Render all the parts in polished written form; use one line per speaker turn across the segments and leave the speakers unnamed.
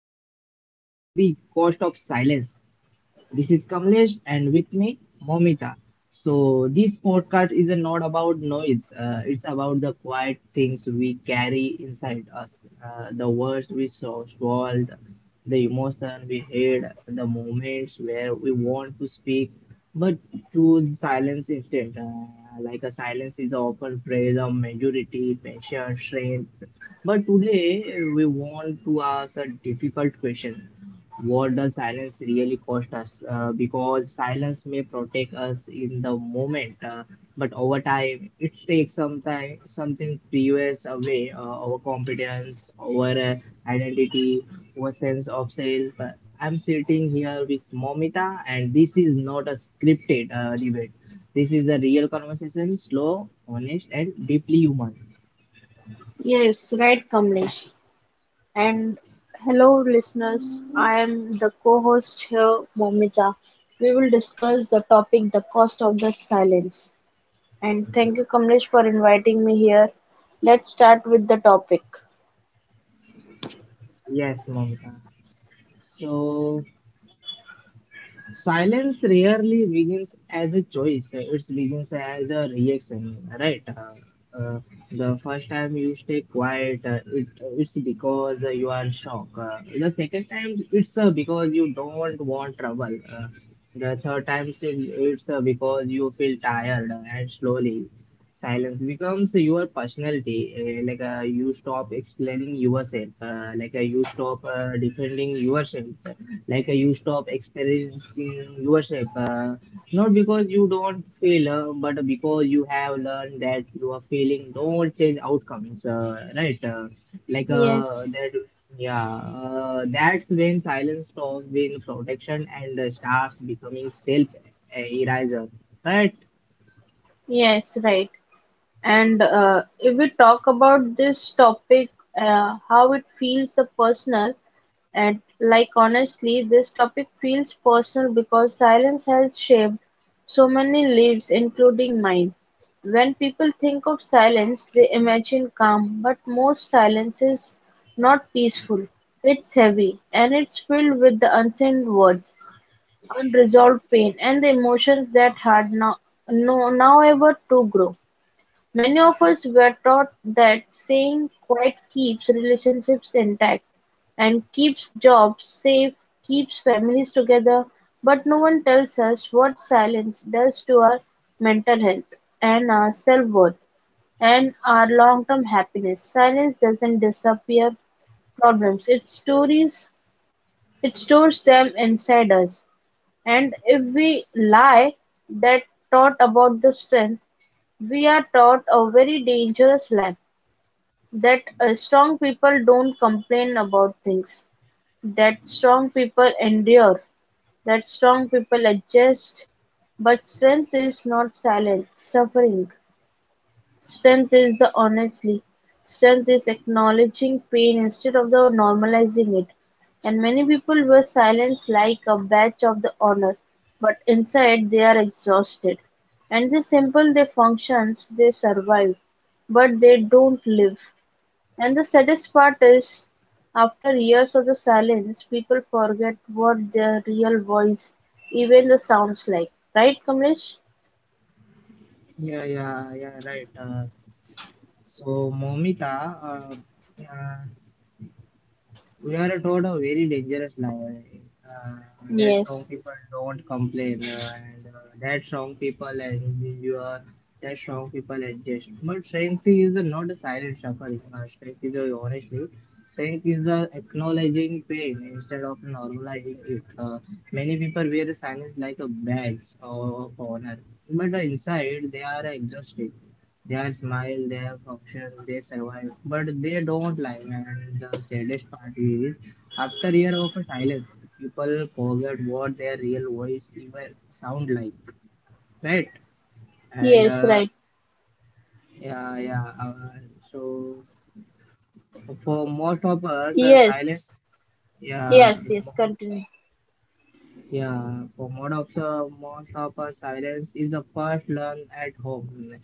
everyone, welcome to the Cost of Silence. This is Kamlesh and with me Momita. So this podcast is not about noise, it's about the quiet things we carry inside us, the words we saw, swallowed, the emotion we hid, the moments where we want to speak but choose silence instead. A silence is often praise of majority, patience, strength, but today we want to ask a difficult question. What does silence really cost us? Because silence may protect us in the moment, but over time it takes some time, something previous away our competence, our identity, our sense of self. I'm sitting here with Momita, and this is not a scripted debate. This is a real conversation, slow, honest, and deeply human.
Yes, right, Kamlesh. And hello, listeners. I am the co host here, Momita. We will discuss the topic the cost of the silence. And thank you, Kamlesh, for inviting me here. Let's start with the topic.
Yes, Momita. So silence rarely begins as a choice. It begins as a reaction, right? Uh, the first time you stay quiet, it's because you are shocked. The second time, it's because you don't want trouble. The third time, it's because you feel tired and slowly. Silence becomes your personality. You stop explaining yourself. You stop defending yourself you stop experiencing yourself, not because you don't fail but because you have learned that you are failing don't change outcomes, right,
Yes,
that yeah that's when silence stops being protection and starts becoming self eraser, right.
yes, right. And if we talk about this topic, how it feels a personal, and like honestly, this topic feels personal because silence has shaped so many lives, including mine. When people think of silence, they imagine calm, but most silence is not peaceful. It's heavy and it's filled with the unsaid words, unresolved pain, and the emotions that had no, no, now ever to grow. Many of us were taught that staying quiet keeps relationships intact and keeps jobs safe, keeps families together, but no one tells us what silence does to our mental health and our self-worth and our long-term happiness. Silence doesn't disappear problems. It stories it stores them inside us. And if we lie that taught about the strength, we are taught a very dangerous lie that strong people don't complain about things, that strong people endure, that strong people adjust. But strength is not silent, suffering. Strength is the honestly, strength is acknowledging pain instead of the normalizing it. And many people wear silence like a badge of the honor, but inside they are exhausted. And they simple their functions, they survive, but they don't live. And the saddest part is, after years of the silence, people forget what their real voice even the sounds like. Right, Kamlesh?
Yeah. Right. Uh, so momita uh, uh, we are taught a very dangerous lie, uh, that strong
Yes,
people don't complain, and that strong people endure, that strong people adjust. But strength is the not a silent suffering. Strength is a honestly. Strength is the acknowledging pain instead of normalizing it. Many people wear silence like a badge of honor, but the inside they are exhausted. Their smile, their function, they survive. But they don't lie. And the saddest part is, after year of silence, people forget what their real voice even sound like, right? And
yes, right.
yeah, yeah. Uh, so for most of us, silence.
Yes,
Yeah.
yes, yes, continue.
For most of us, silence is the first learned at home.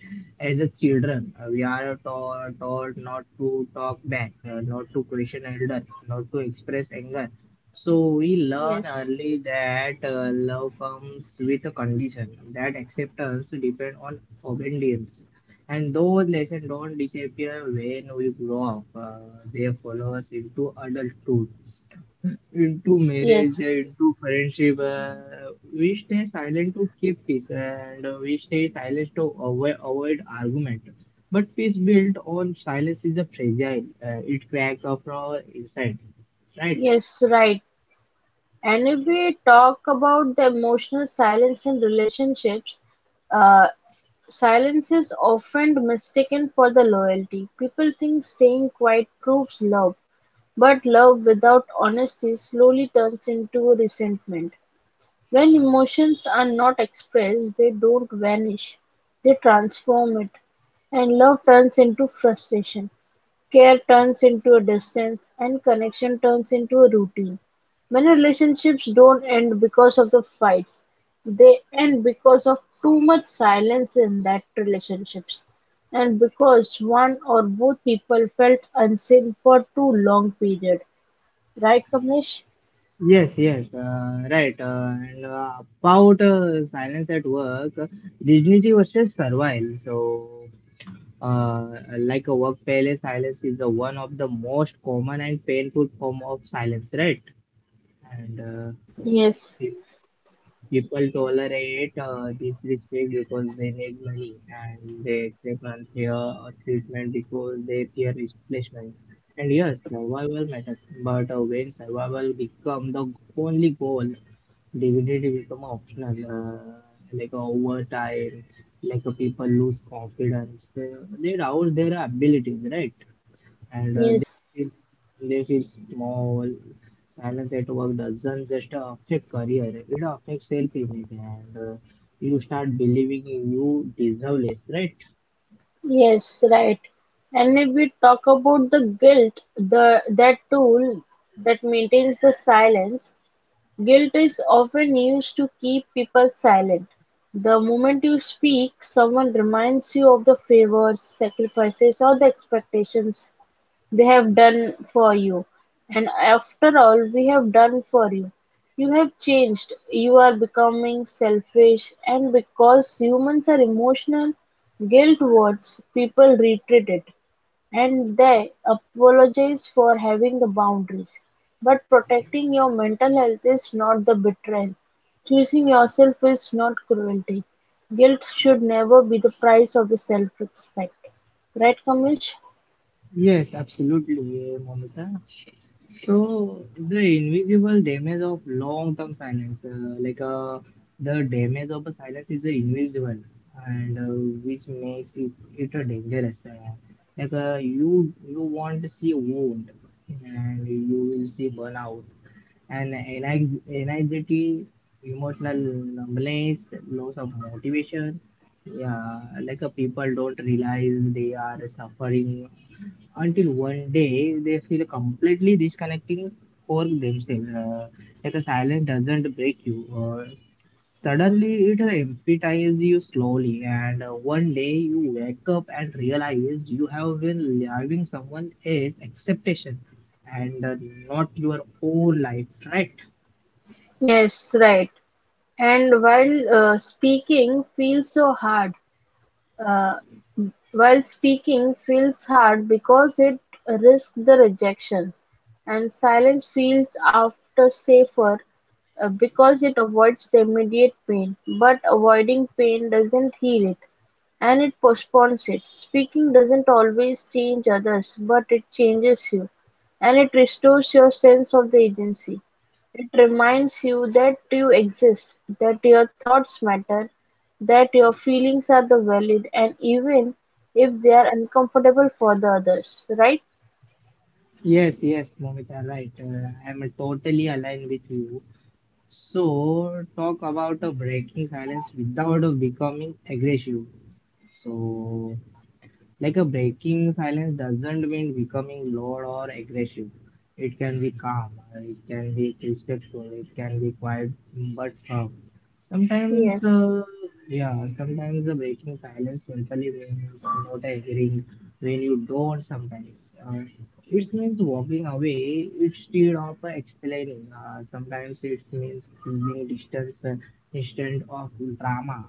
As a children, we are taught not to talk back, not to question elder, not to express anger. So we learn
Yes,
early that love comes with a condition that acceptance depends on obedience. And those lessons don't disappear when we grow up. They follow us into adulthood into marriage,
yes,
into friendship. We stay silent to keep peace, and we stay silent to avoid argument. But peace built on silence is a fragile. It cracks off from our inside. Right.
yes, right. And if we talk about the emotional silence in relationships, uh, silence is often mistaken for the loyalty. People think staying quiet proves love, but love without honesty slowly turns into resentment. When emotions are not expressed, they don't vanish, they transform it, and love turns into frustration. Care turns into a distance, and connection turns into a routine. Many relationships don't end because of the fights. They end because of too much silence in that relationships and because one or both people felt unseen for too long period. Right, Kamlesh?
Yes, yes, right. And About silence at work, dignity versus survival. So, uh, like a workplace silence is the one of the most common and painful form of silence, right? And uh,
Yes,
Pe- People tolerate disrespect because they need money and they accept unfair treatment because they fear replacement. And yes, survival matters, but when survival become the only goal, dignity become optional. Over time, people lose confidence, they doubt their abilities, right? And
yes,
feel they feel small. Silence at work doesn't just affect career; it affects self-image, and you start believing you deserve less, right?
yes, right. And if we talk about the guilt, the that tool that maintains the silence, guilt is often used to keep people silent. The moment you speak, someone reminds you of the favors, sacrifices, or the expectations they have done for you. And after all we have done for you, you have changed. You are becoming selfish, and because humans are emotional, guilt wards people retreat it. And they apologize for having the boundaries. But protecting your mental health is not the betrayal. Choosing yourself is not cruelty. Guilt should never be the price of the self-respect. Right, Kamesh?
Yes, absolutely. Yeah, Momita. So the invisible damage of long-term silence, the damage of a silence is invisible, and which makes it a dangerous. You won't see wound, and you will see burnout, and anxiety, emotional numbness, loss of motivation. People don't realize they are suffering until one day they feel completely disconnecting for themselves. A silence doesn't break you. Suddenly it empathize you slowly, and one day you wake up and realize you have been living someone else's expectation and not your own life, right?
Yes, right. And while speaking feels hard because it risks the rejections, and silence feels after safer because it avoids the immediate pain, but avoiding pain doesn't heal it. And it postpones it. Speaking doesn't always change others, but it changes you. And it restores your sense of the agency. It reminds you that you exist, that your thoughts matter, that your feelings are the valid, and even if they are uncomfortable for the others, right?
Yes, yes, Momita, right. I'm totally aligned with you. So, talk about a breaking silence without a becoming aggressive. So, a breaking silence doesn't mean becoming loud or aggressive. It can be calm, it can be respectful, it can be quiet but firm. Sometimes,
Yes,
uh, yeah, Sometimes the breaking silence simply means not agreeing when you don't. Sometimes it means walking away instead of explaining. Sometimes it means choosing distance instead of drama,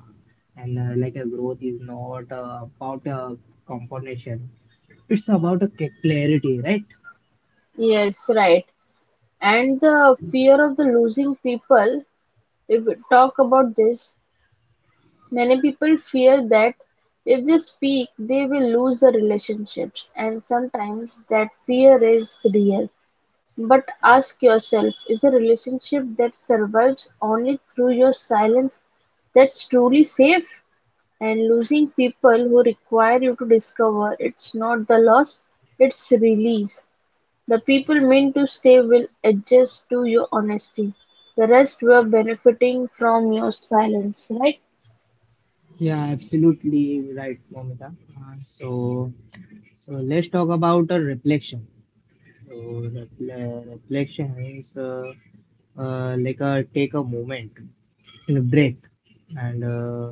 and like a growth is not about a competition, it's about a clarity, right.
yes, right. And the fear of the losing people, if we talk about this, many people fear that if they speak they will lose the relationships and sometimes that fear is real. But ask yourself, is a relationship that survives only through your silence that's truly safe? And losing people who require you to discover it's not the loss, it's release. The people meant to stay will adjust to your honesty. The rest were benefiting from your silence, right?
Yeah absolutely right, Momita. Uh, so so let's talk about a reflection. so Reflection means, like a take a moment, a break, and uh,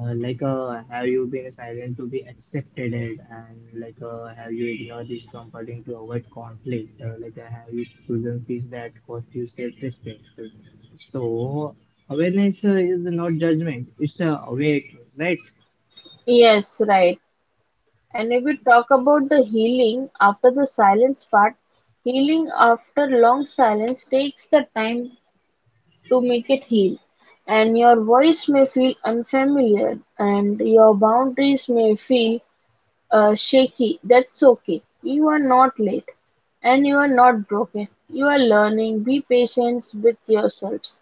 Have you been silent to be accepted, it? Have you ignored discomforting to avoid conflict? Have you chosen peace that cost you self-respect? So, awareness is not judgment; it's awake, right?
Yes, right. And if we talk about the healing after the silence part, healing after long silence takes the time to make it heal. And your voice may feel unfamiliar, and your boundaries may feel shaky, that's okay. You are not late and you are not broken. You are learning. Be patient with yourselves.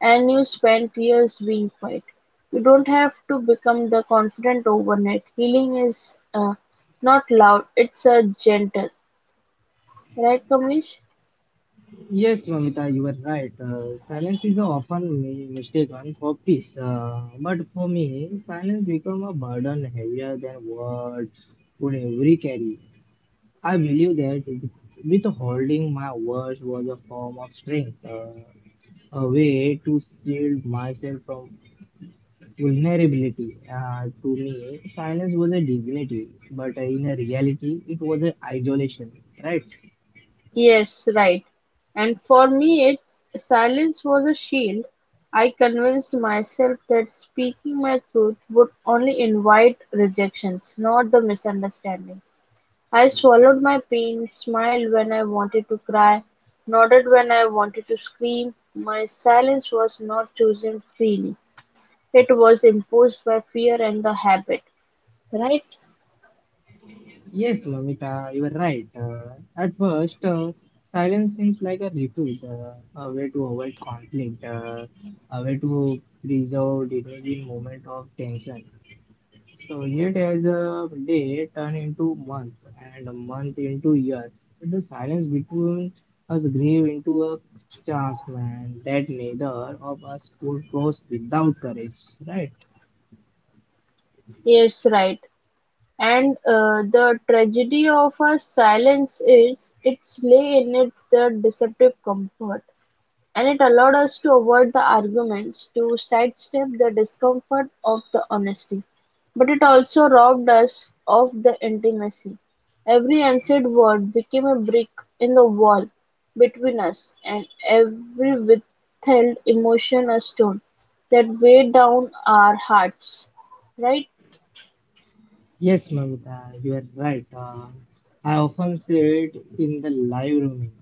And you spent years being quiet. You don't have to become the confident overnight. Healing is not loud, it's a gentle. Right, Kamlesh?
Yes, Mamita, you are right. Silence is often mistaken for peace, but for me, silence become a burden heavier than words could ever carry. I believe that with holding my words was a form of strength, a way to shield myself from vulnerability. To me, silence was a dignity, but in a reality, it was an isolation, right?
Yes, right. And for me, its silence was a shield. I convinced myself that speaking my truth would only invite rejections, not the misunderstanding. I swallowed my pain, smiled when I wanted to cry, nodded when I wanted to scream. My silence was not chosen freely, it was imposed by fear and the habit. Right?
Yes, Mamita, you are right. At first, silence seems like a refuge, a way to avoid conflict, a way to preserve dignity in moment of tension. So unit as a day turned into month and a month into years. The silence between us grew into a chance, man, that neither of us could cross without courage, right?
Yes, right. And the tragedy of her silence is its lay in its the deceptive comfort, and it allowed us to avoid the arguments, to sidestep the discomfort of the honesty. But it also robbed us of the intimacy. Every unsaid word became a brick in the wall between us, and every withheld emotion a stone that weighed down our hearts. Right?
Yes, Mamita, you are right. I often sit in the live room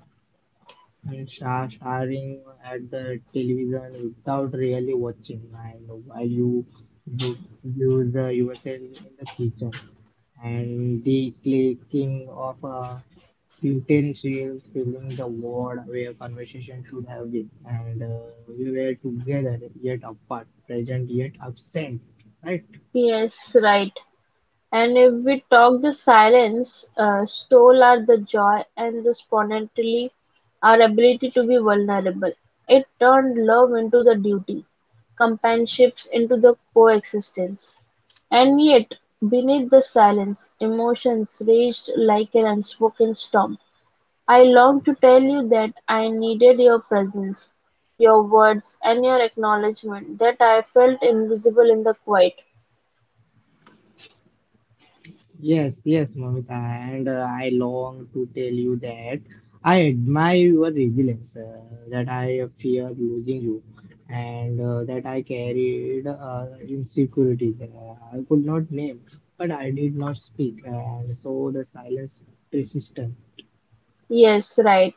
and staring at the television without really watching, and while you do you the yourself in the kitchen and the clicking of utensils filling the ward where conversation should have been. And We were together yet apart, present yet absent, right?
Yes, right. And if we talk the silence stole our the joy and the spontaneity, our ability to be vulnerable. It turned love into the duty, companionships into the coexistence. And yet, beneath the silence, emotions raged like an unspoken storm. I long to tell you that I needed your presence, your words, and your acknowledgement, that I felt invisible in the quiet.
Yes, yes, Mamita, and I long to tell you that I admire your resilience, that I fear losing you, and that I carried insecurities I could not name, but I did not speak, and so the silence persisted.
Yes, right.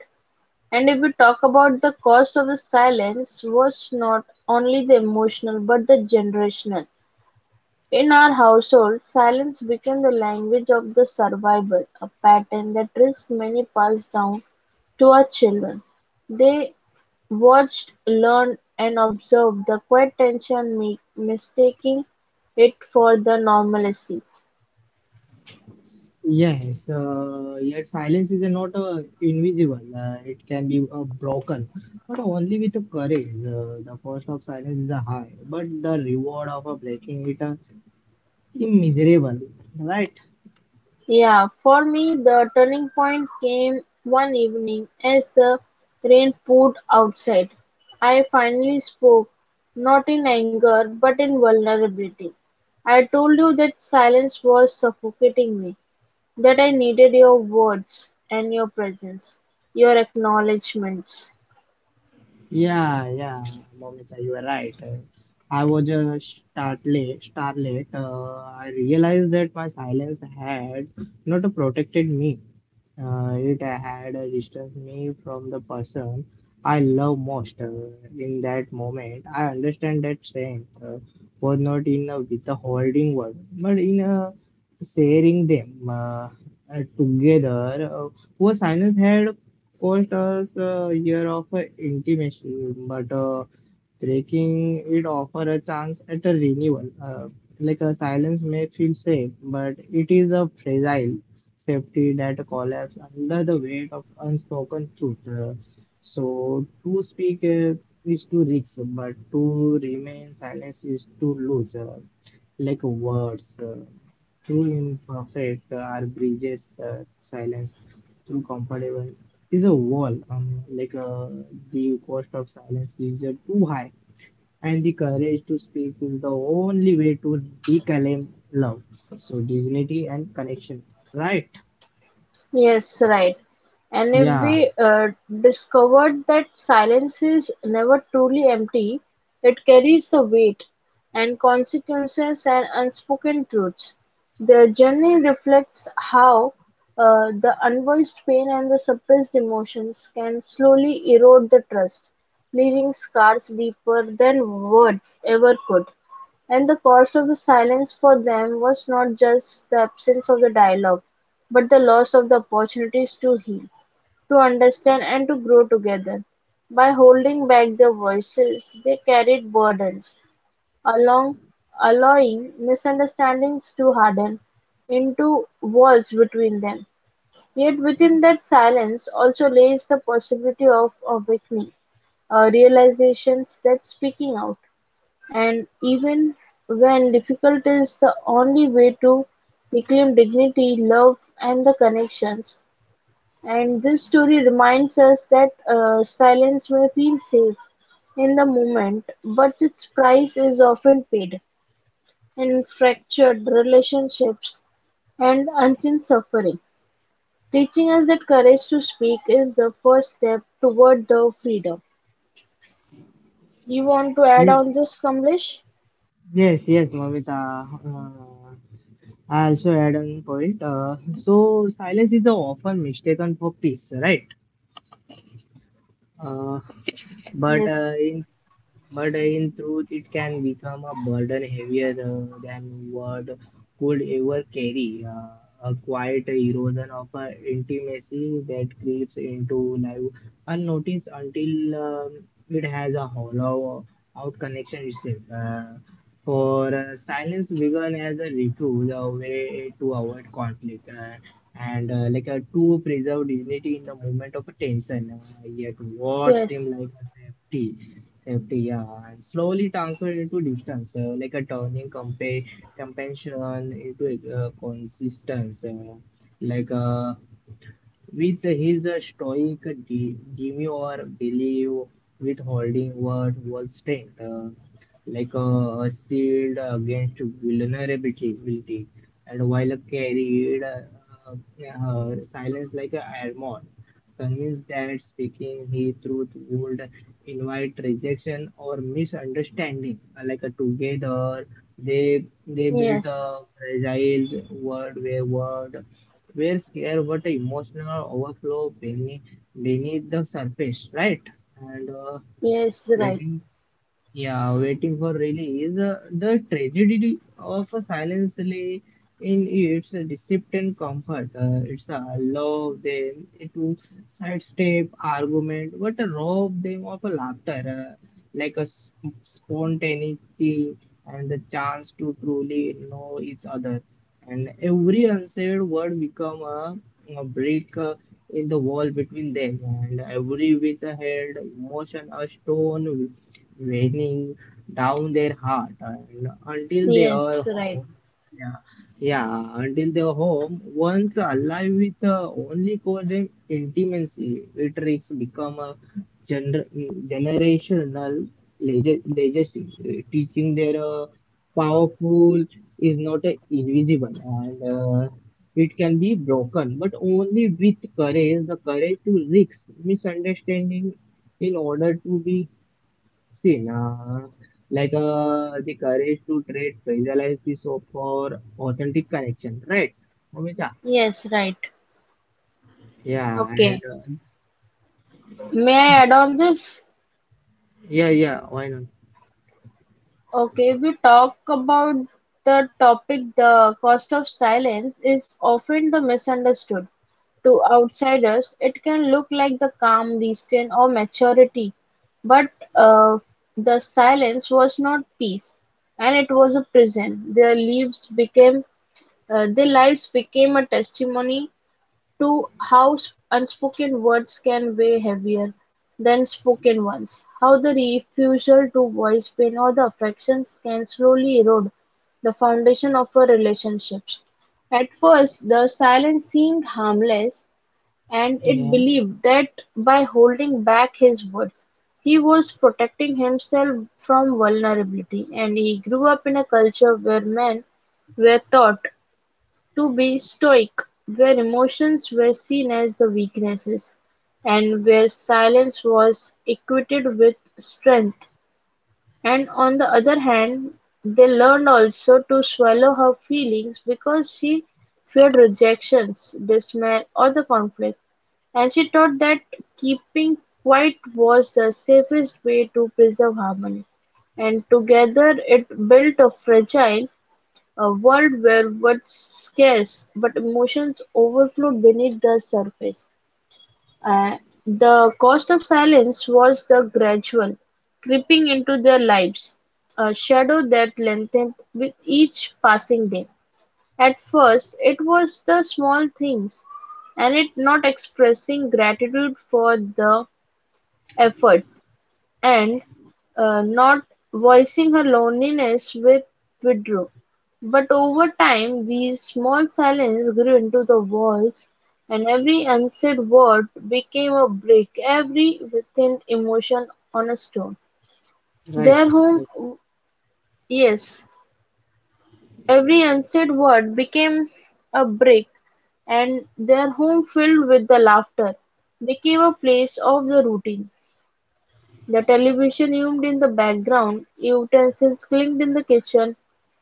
And if we talk about the cost of the silence was not only the emotional but the generational. In our household, silence became the language of the survival, a pattern that risks many passed down to our children. They watched, learned, and observed the quiet tension, mistaking it for the normalcy.
Yes, yet silence is not invisible. It can be broken, but only with the courage. The cost of silence is a high, but the reward of breaking it miserable, right?
Yeah, for me, the turning point came one evening as the rain poured outside. I finally spoke, not in anger, but in vulnerability. I told you that silence was suffocating me, that I needed your words and your presence, your acknowledgements.
Yeah, yeah, Momita, you are right. I was a startlet. I realized that my silence had not protected me. It had distanced me from the person I love most. In that moment, I understand that strength was not in a, with the holding word, but in a sharing them, together. Whose silence had Post was a year of intimacy, but breaking it offer a chance at a renewal. A silence may feel safe, but it is a fragile safety that collapses under the weight of unspoken truth. So to speak is to risk, but to remain silent is to lose. Like words. True imperfect are bridges, silence through comfortable is a wall. The cost of silence is too high and the courage to speak is the only way to reclaim love, so dignity and connection, right.
Yes, right. And if
yeah
we discovered that silence is never truly empty, it carries the weight and consequences and unspoken truths. The journey reflects how the unvoiced pain and the suppressed emotions can slowly erode the trust, leaving scars deeper than words ever could. And the cost of the silence for them was not just the absence of the dialogue but the loss of the opportunities to heal, to understand, and to grow together. By holding back their voices, they carried burdens, along, allowing misunderstandings to harden into walls between them. Yet within that silence also lays the possibility of awakening, realizations that speaking out, and even when difficult is the only way to reclaim dignity, love, and the connections. And this story reminds us that silence may feel safe in the moment, but its price is often paid in fractured relationships and unseen suffering, teaching us that courage to speak is the first step toward the freedom. You want to add
yes
on this, Kamlesh?
yes yes, Mamita, uh, I also add on point. So silence is often mistaken for peace, right. Uh, But
Yes,
in but in truth, it can become a burden heavier than word could ever carry. A quiet erosion of intimacy that creeps into life unnoticed until it has a hollow out connection itself. For Silence began as a refuge, a way to avoid conflict. And like To preserve dignity in the moment of tension, yet what seemed
yes,
like a safety, and slowly transferred into distance, like a turning compassion into consistence, like uh, with his stoic demure, belief withholding what was strength, a shield against vulnerability, and while carried her silence like a armor, convinced that speaking his truth would invite rejection or misunderstanding. Together, they built a
yes.
fragile world where word where scare but emotional overflow beneath the surface, right? And
Yes, right.
Waiting, yeah, waiting for release. The tragedy of a silence lay in its deceit and comfort. It's a love them to sidestep argument, but a rob them of a laughter, like a s- spontaneity and the chance to truly know each other. And every unsaid word become a break in the wall between them, and every with a head motion a stone raining down their heart and until they
Yes,
are
right.
home. yeah yeah until they are home once alive with the only cause and intimacy, it risks become a gener- generational legacy. Teaching their, powerful is not invisible and it can be broken but only with courage, the courage to risk misunderstanding in order to be, see, now, the courage to trade visualize this soap for authentic connection, right, Omita?
Yes, right.
Yeah, and,
Okay.
uh,
May I add on this?
yeah, yeah, why not?
Okay, we talk about the topic the cost of silence is often the misunderstood. To outsiders, it can look like the calm, restraint, or maturity, but uh, the silence was not peace, and it was a prison. Their lives became a testimony to house unspoken words can weigh heavier than spoken ones. How the refusal to voice pain or the affections can slowly erode the foundation of our relationships. At first, the silence seemed harmless, and it
Yeah.
believed that by holding back his words, he was protecting himself from vulnerability. And he grew up in a culture where men were taught to be stoic, where emotions were seen as the weaknesses, and where silence was equated with strength, and on the other hand, they learned also to swallow her feelings because she feared rejection, dismay, or the conflict, and she taught that keeping quiet was the safest way to preserve harmony. And together it built a fragile a world where words scarce but emotions overflowed beneath the surface. Uh, the cost of silence was the gradual creeping into their lives, a shadow that lengthened with each passing day. At first, it was the small things, and it not expressing gratitude for the efforts and, not voicing her loneliness with withdrew. But over time, these small silences grew into the walls, and every unsaid word became a brick, every within emotion on a stone.
Right,
Their home,
right.
yes, every unsaid word became a brick, and their home filled with the laughter became a place of the routine. The television hummed in the background, utensils clinked in the kitchen,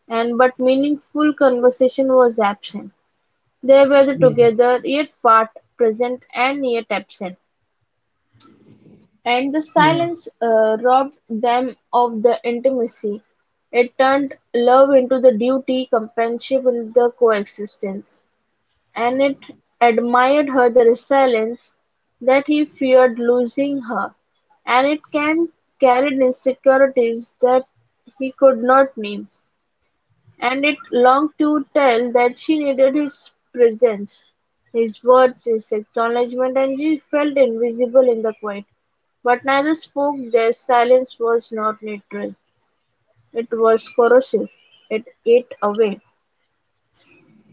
and but meaningful conversation was absent. They were the
Yeah,
together, yet apart, present and yet absent. And the
yeah.
silence robbed them of the intimacy. It turned love into the duty, companionship into the coexistence. And it admired her the resilience, that he feared losing her; and Annett carried insecurities that he could not name; and it longed to tell that she needed his presence, his words, his acknowledgment, and she felt invisible in the quiet. But neither spoke; their silence was not neutral, it was corrosive, it ate away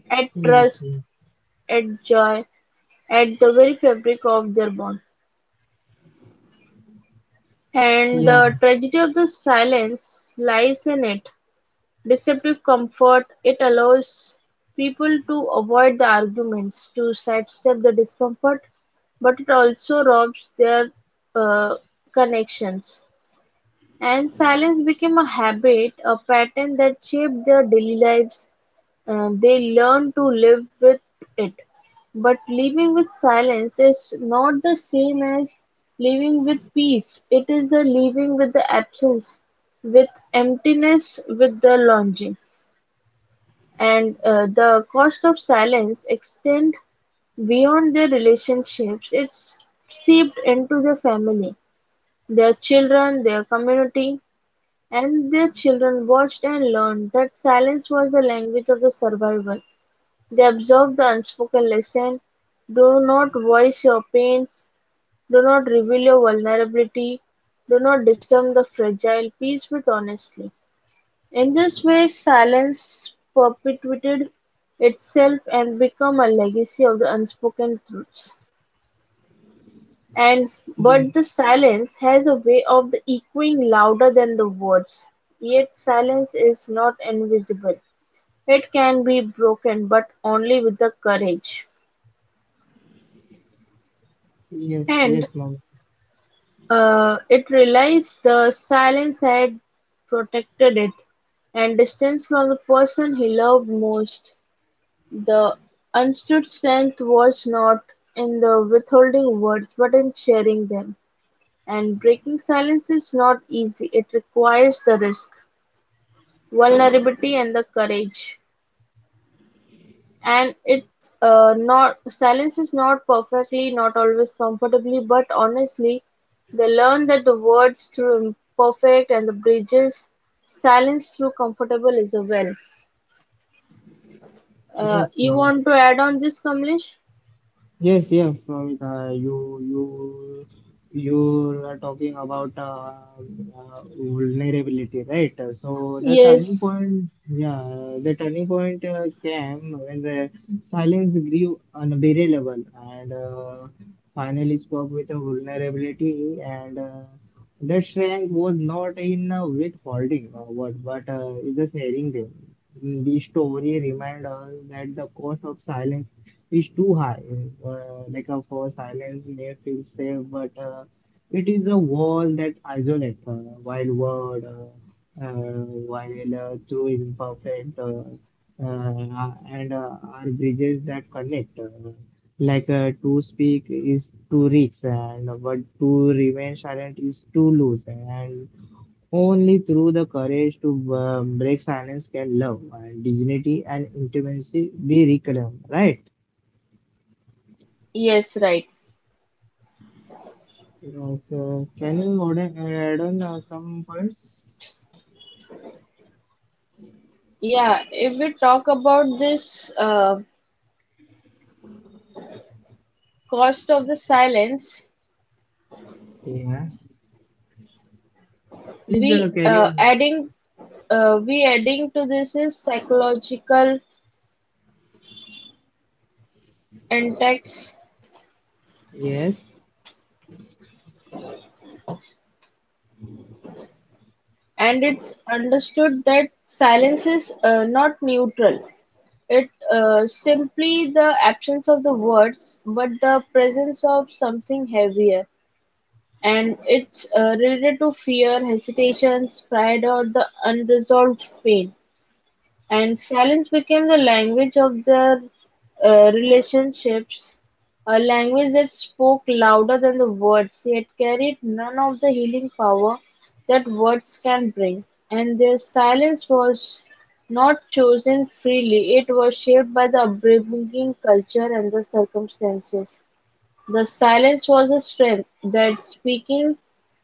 at
Yes,
trust,
yes.
at joy, at the very fabric of their bond. And the
Yeah,
tragedy of the silence lies in it. Deceptive comfort, it allows people to avoid the arguments, to sidestep the discomfort, but it also robs their uh, connections. And silence became a habit, a pattern that shaped their daily lives. They learned to live with it. But living with silence is not the same as living with peace. It is a living with the absence, with emptiness, with the longing. And the cost of silence extend beyond their relationships. It's seeped into their family, their children, their community, and their children watched and learned that silence was the language of the survival. They absorbed the unspoken lesson: do not voice your pain, do not reveal your vulnerability, do not disturb the fragile peace with honesty. In this way, silence perpetuated itself and became a legacy of the unspoken truths. And
yeah.
but the silence has a way of the echoing louder than the words. Yet silence is not invisible. It can be broken, but only with the courage.
Yes,
And
yes, mom.
uh, it realized the silence had protected it, and distance from the person he loved most. The unstood strength was not in the withholding words, but in sharing them. And breaking silence is not easy. It requires the risk, vulnerability, and the courage. And it not silence is not perfectly, not always comfortably, but honestly, they learn that the words through imperfect and the bridges silence through comfortable is a well.
Yes,
You
mom.
want to add on this, Kamlesh?
Yes, yes, Pavita, you are talking about vulnerability, right? So the turning
Yes,
point, yeah, the turning point came when the silence grew unbearable and finally spoke with a vulnerability and. That Shrek was not in withholding what, but is just sharing them. The story reminds us that the cost of silence is too high. For silence may feel safe, but it is a wall that isolates wild world, while through imperfect, and are bridges that connect. To speak is to reach, and but to remain silent is to lose. And only through the courage to break silence can love and dignity and intimacy be reclaimed, right?
yes, right.
Yes. Can you add on some points?
Yeah, if we talk about this cost of the silence,
Yeah. Please
we
carry on.
adding we adding to this is psychological index,
Yes.
and it's understood that silence is not neutral. It simply the absence of the words, but the presence of something heavier, and it's related to fear, hesitations, pride, or the unresolved pain. And silence became the language of their relationships, a language that spoke louder than the words, yet carried none of the healing power that words can bring. And their silence was not chosen freely, it was shaped by the upbringing, culture, and the circumstances. The silence was a strength that speaking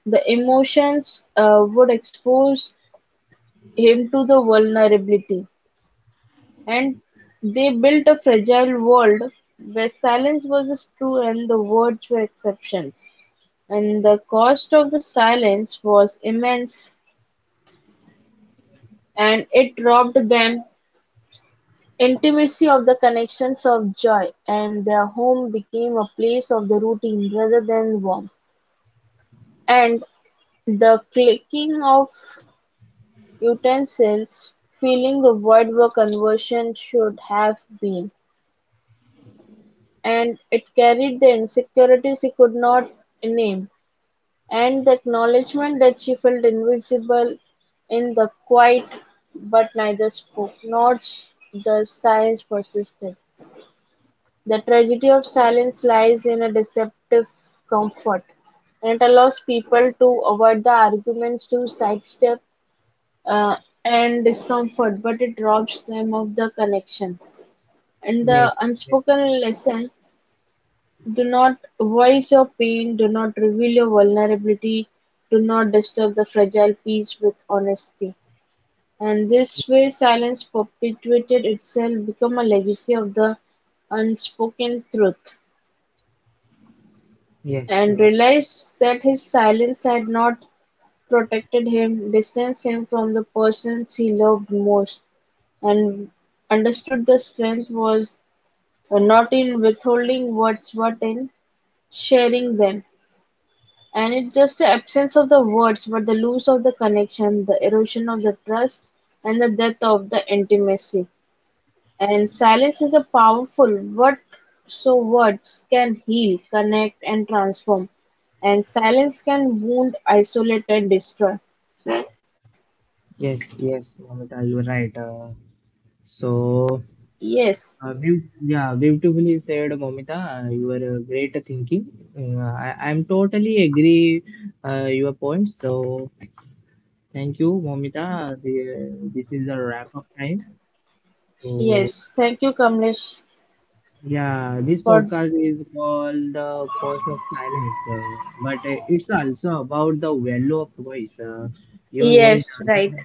the emotions would expose him to the vulnerability. And they built a fragile world where silence was true and the words were exceptions. And the cost of the silence was immense and it robbed them intimacy of the connections of joy and their home became a place of the routine rather than warmth. And the clicking of utensils filling the void where conversion should have been. And it carried the insecurity she could not name, and the acknowledgement that she felt invisible in the quiet but neither spoke. Not the silence persisted. The tragedy of silence lies in a deceptive comfort, and it allows people to avoid the arguments, to sidestep uh, and discomfort, but it robs them of the connection. And the
Yes. Yes.
unspoken lesson: do not voice your pain, do not reveal your vulnerability, do not disturb the fragile peace with honesty. And this way, silence perpetuated itself, become a legacy of the unspoken truth.
Yes,
And
yes,
realized that his silence had not protected him, distanced him from the persons he loved most, and understood the strength was not in withholding words but in sharing them. And it's just the absence of the words, but the loss of the connection, the erosion of the trust, and the death of the intimacy. And silence is a powerful what so words can heal, connect, and transform. And silence can wound, isolate, and destroy.
yes, Momita, you're right. So
Yes,
Beautifully said, Momita. You are a great thinking. I am totally agree your points. So thank you, Momita. This is the wrap up time. So
yes. Thank you, Kamlesh,
yeah, this
for
podcast is called the cost of silence, but it's also about the value of voice. Your voice
yes, right.
doesn't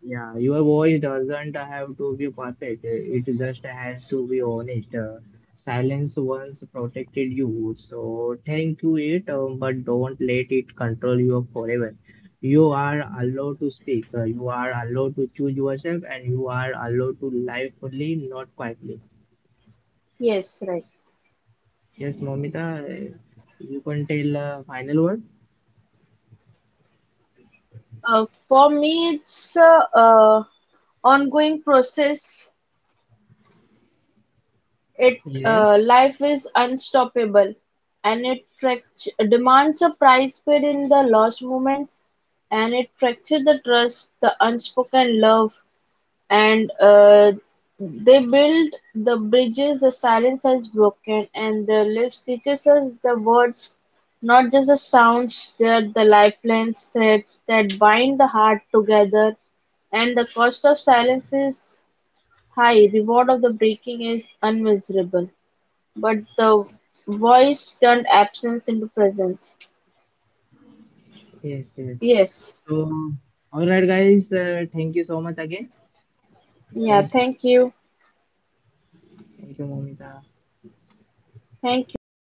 Yeah, your voice doesn't have to be perfect. It just has to be honest. Silence once protected you, so thank you it, but don't let it control you forever. You are allowed to speak. You are allowed to choose yourself, and you are allowed to live fully, not quietly.
Yes, right.
Yes, Momita, uh, you can tell final word.
For me, it's a ongoing process. It
Yes,
life is unstoppable, and it demands a price paid in the lost moments, and it fractured the trust, the unspoken love, and they build the bridges the silence has broken, and the lips teaches us the words, not just the sounds, they're the lifelines, threads that bind the heart together, and the cost of silence is high, reward of the breaking is unmeasurable. But the voice turned absence into presence.
yes, yes.
Yes.
So, all right, guys. Thank you so much again.
Yeah,
Thank you.
thank you.
Thank you, Momita.
Thank you.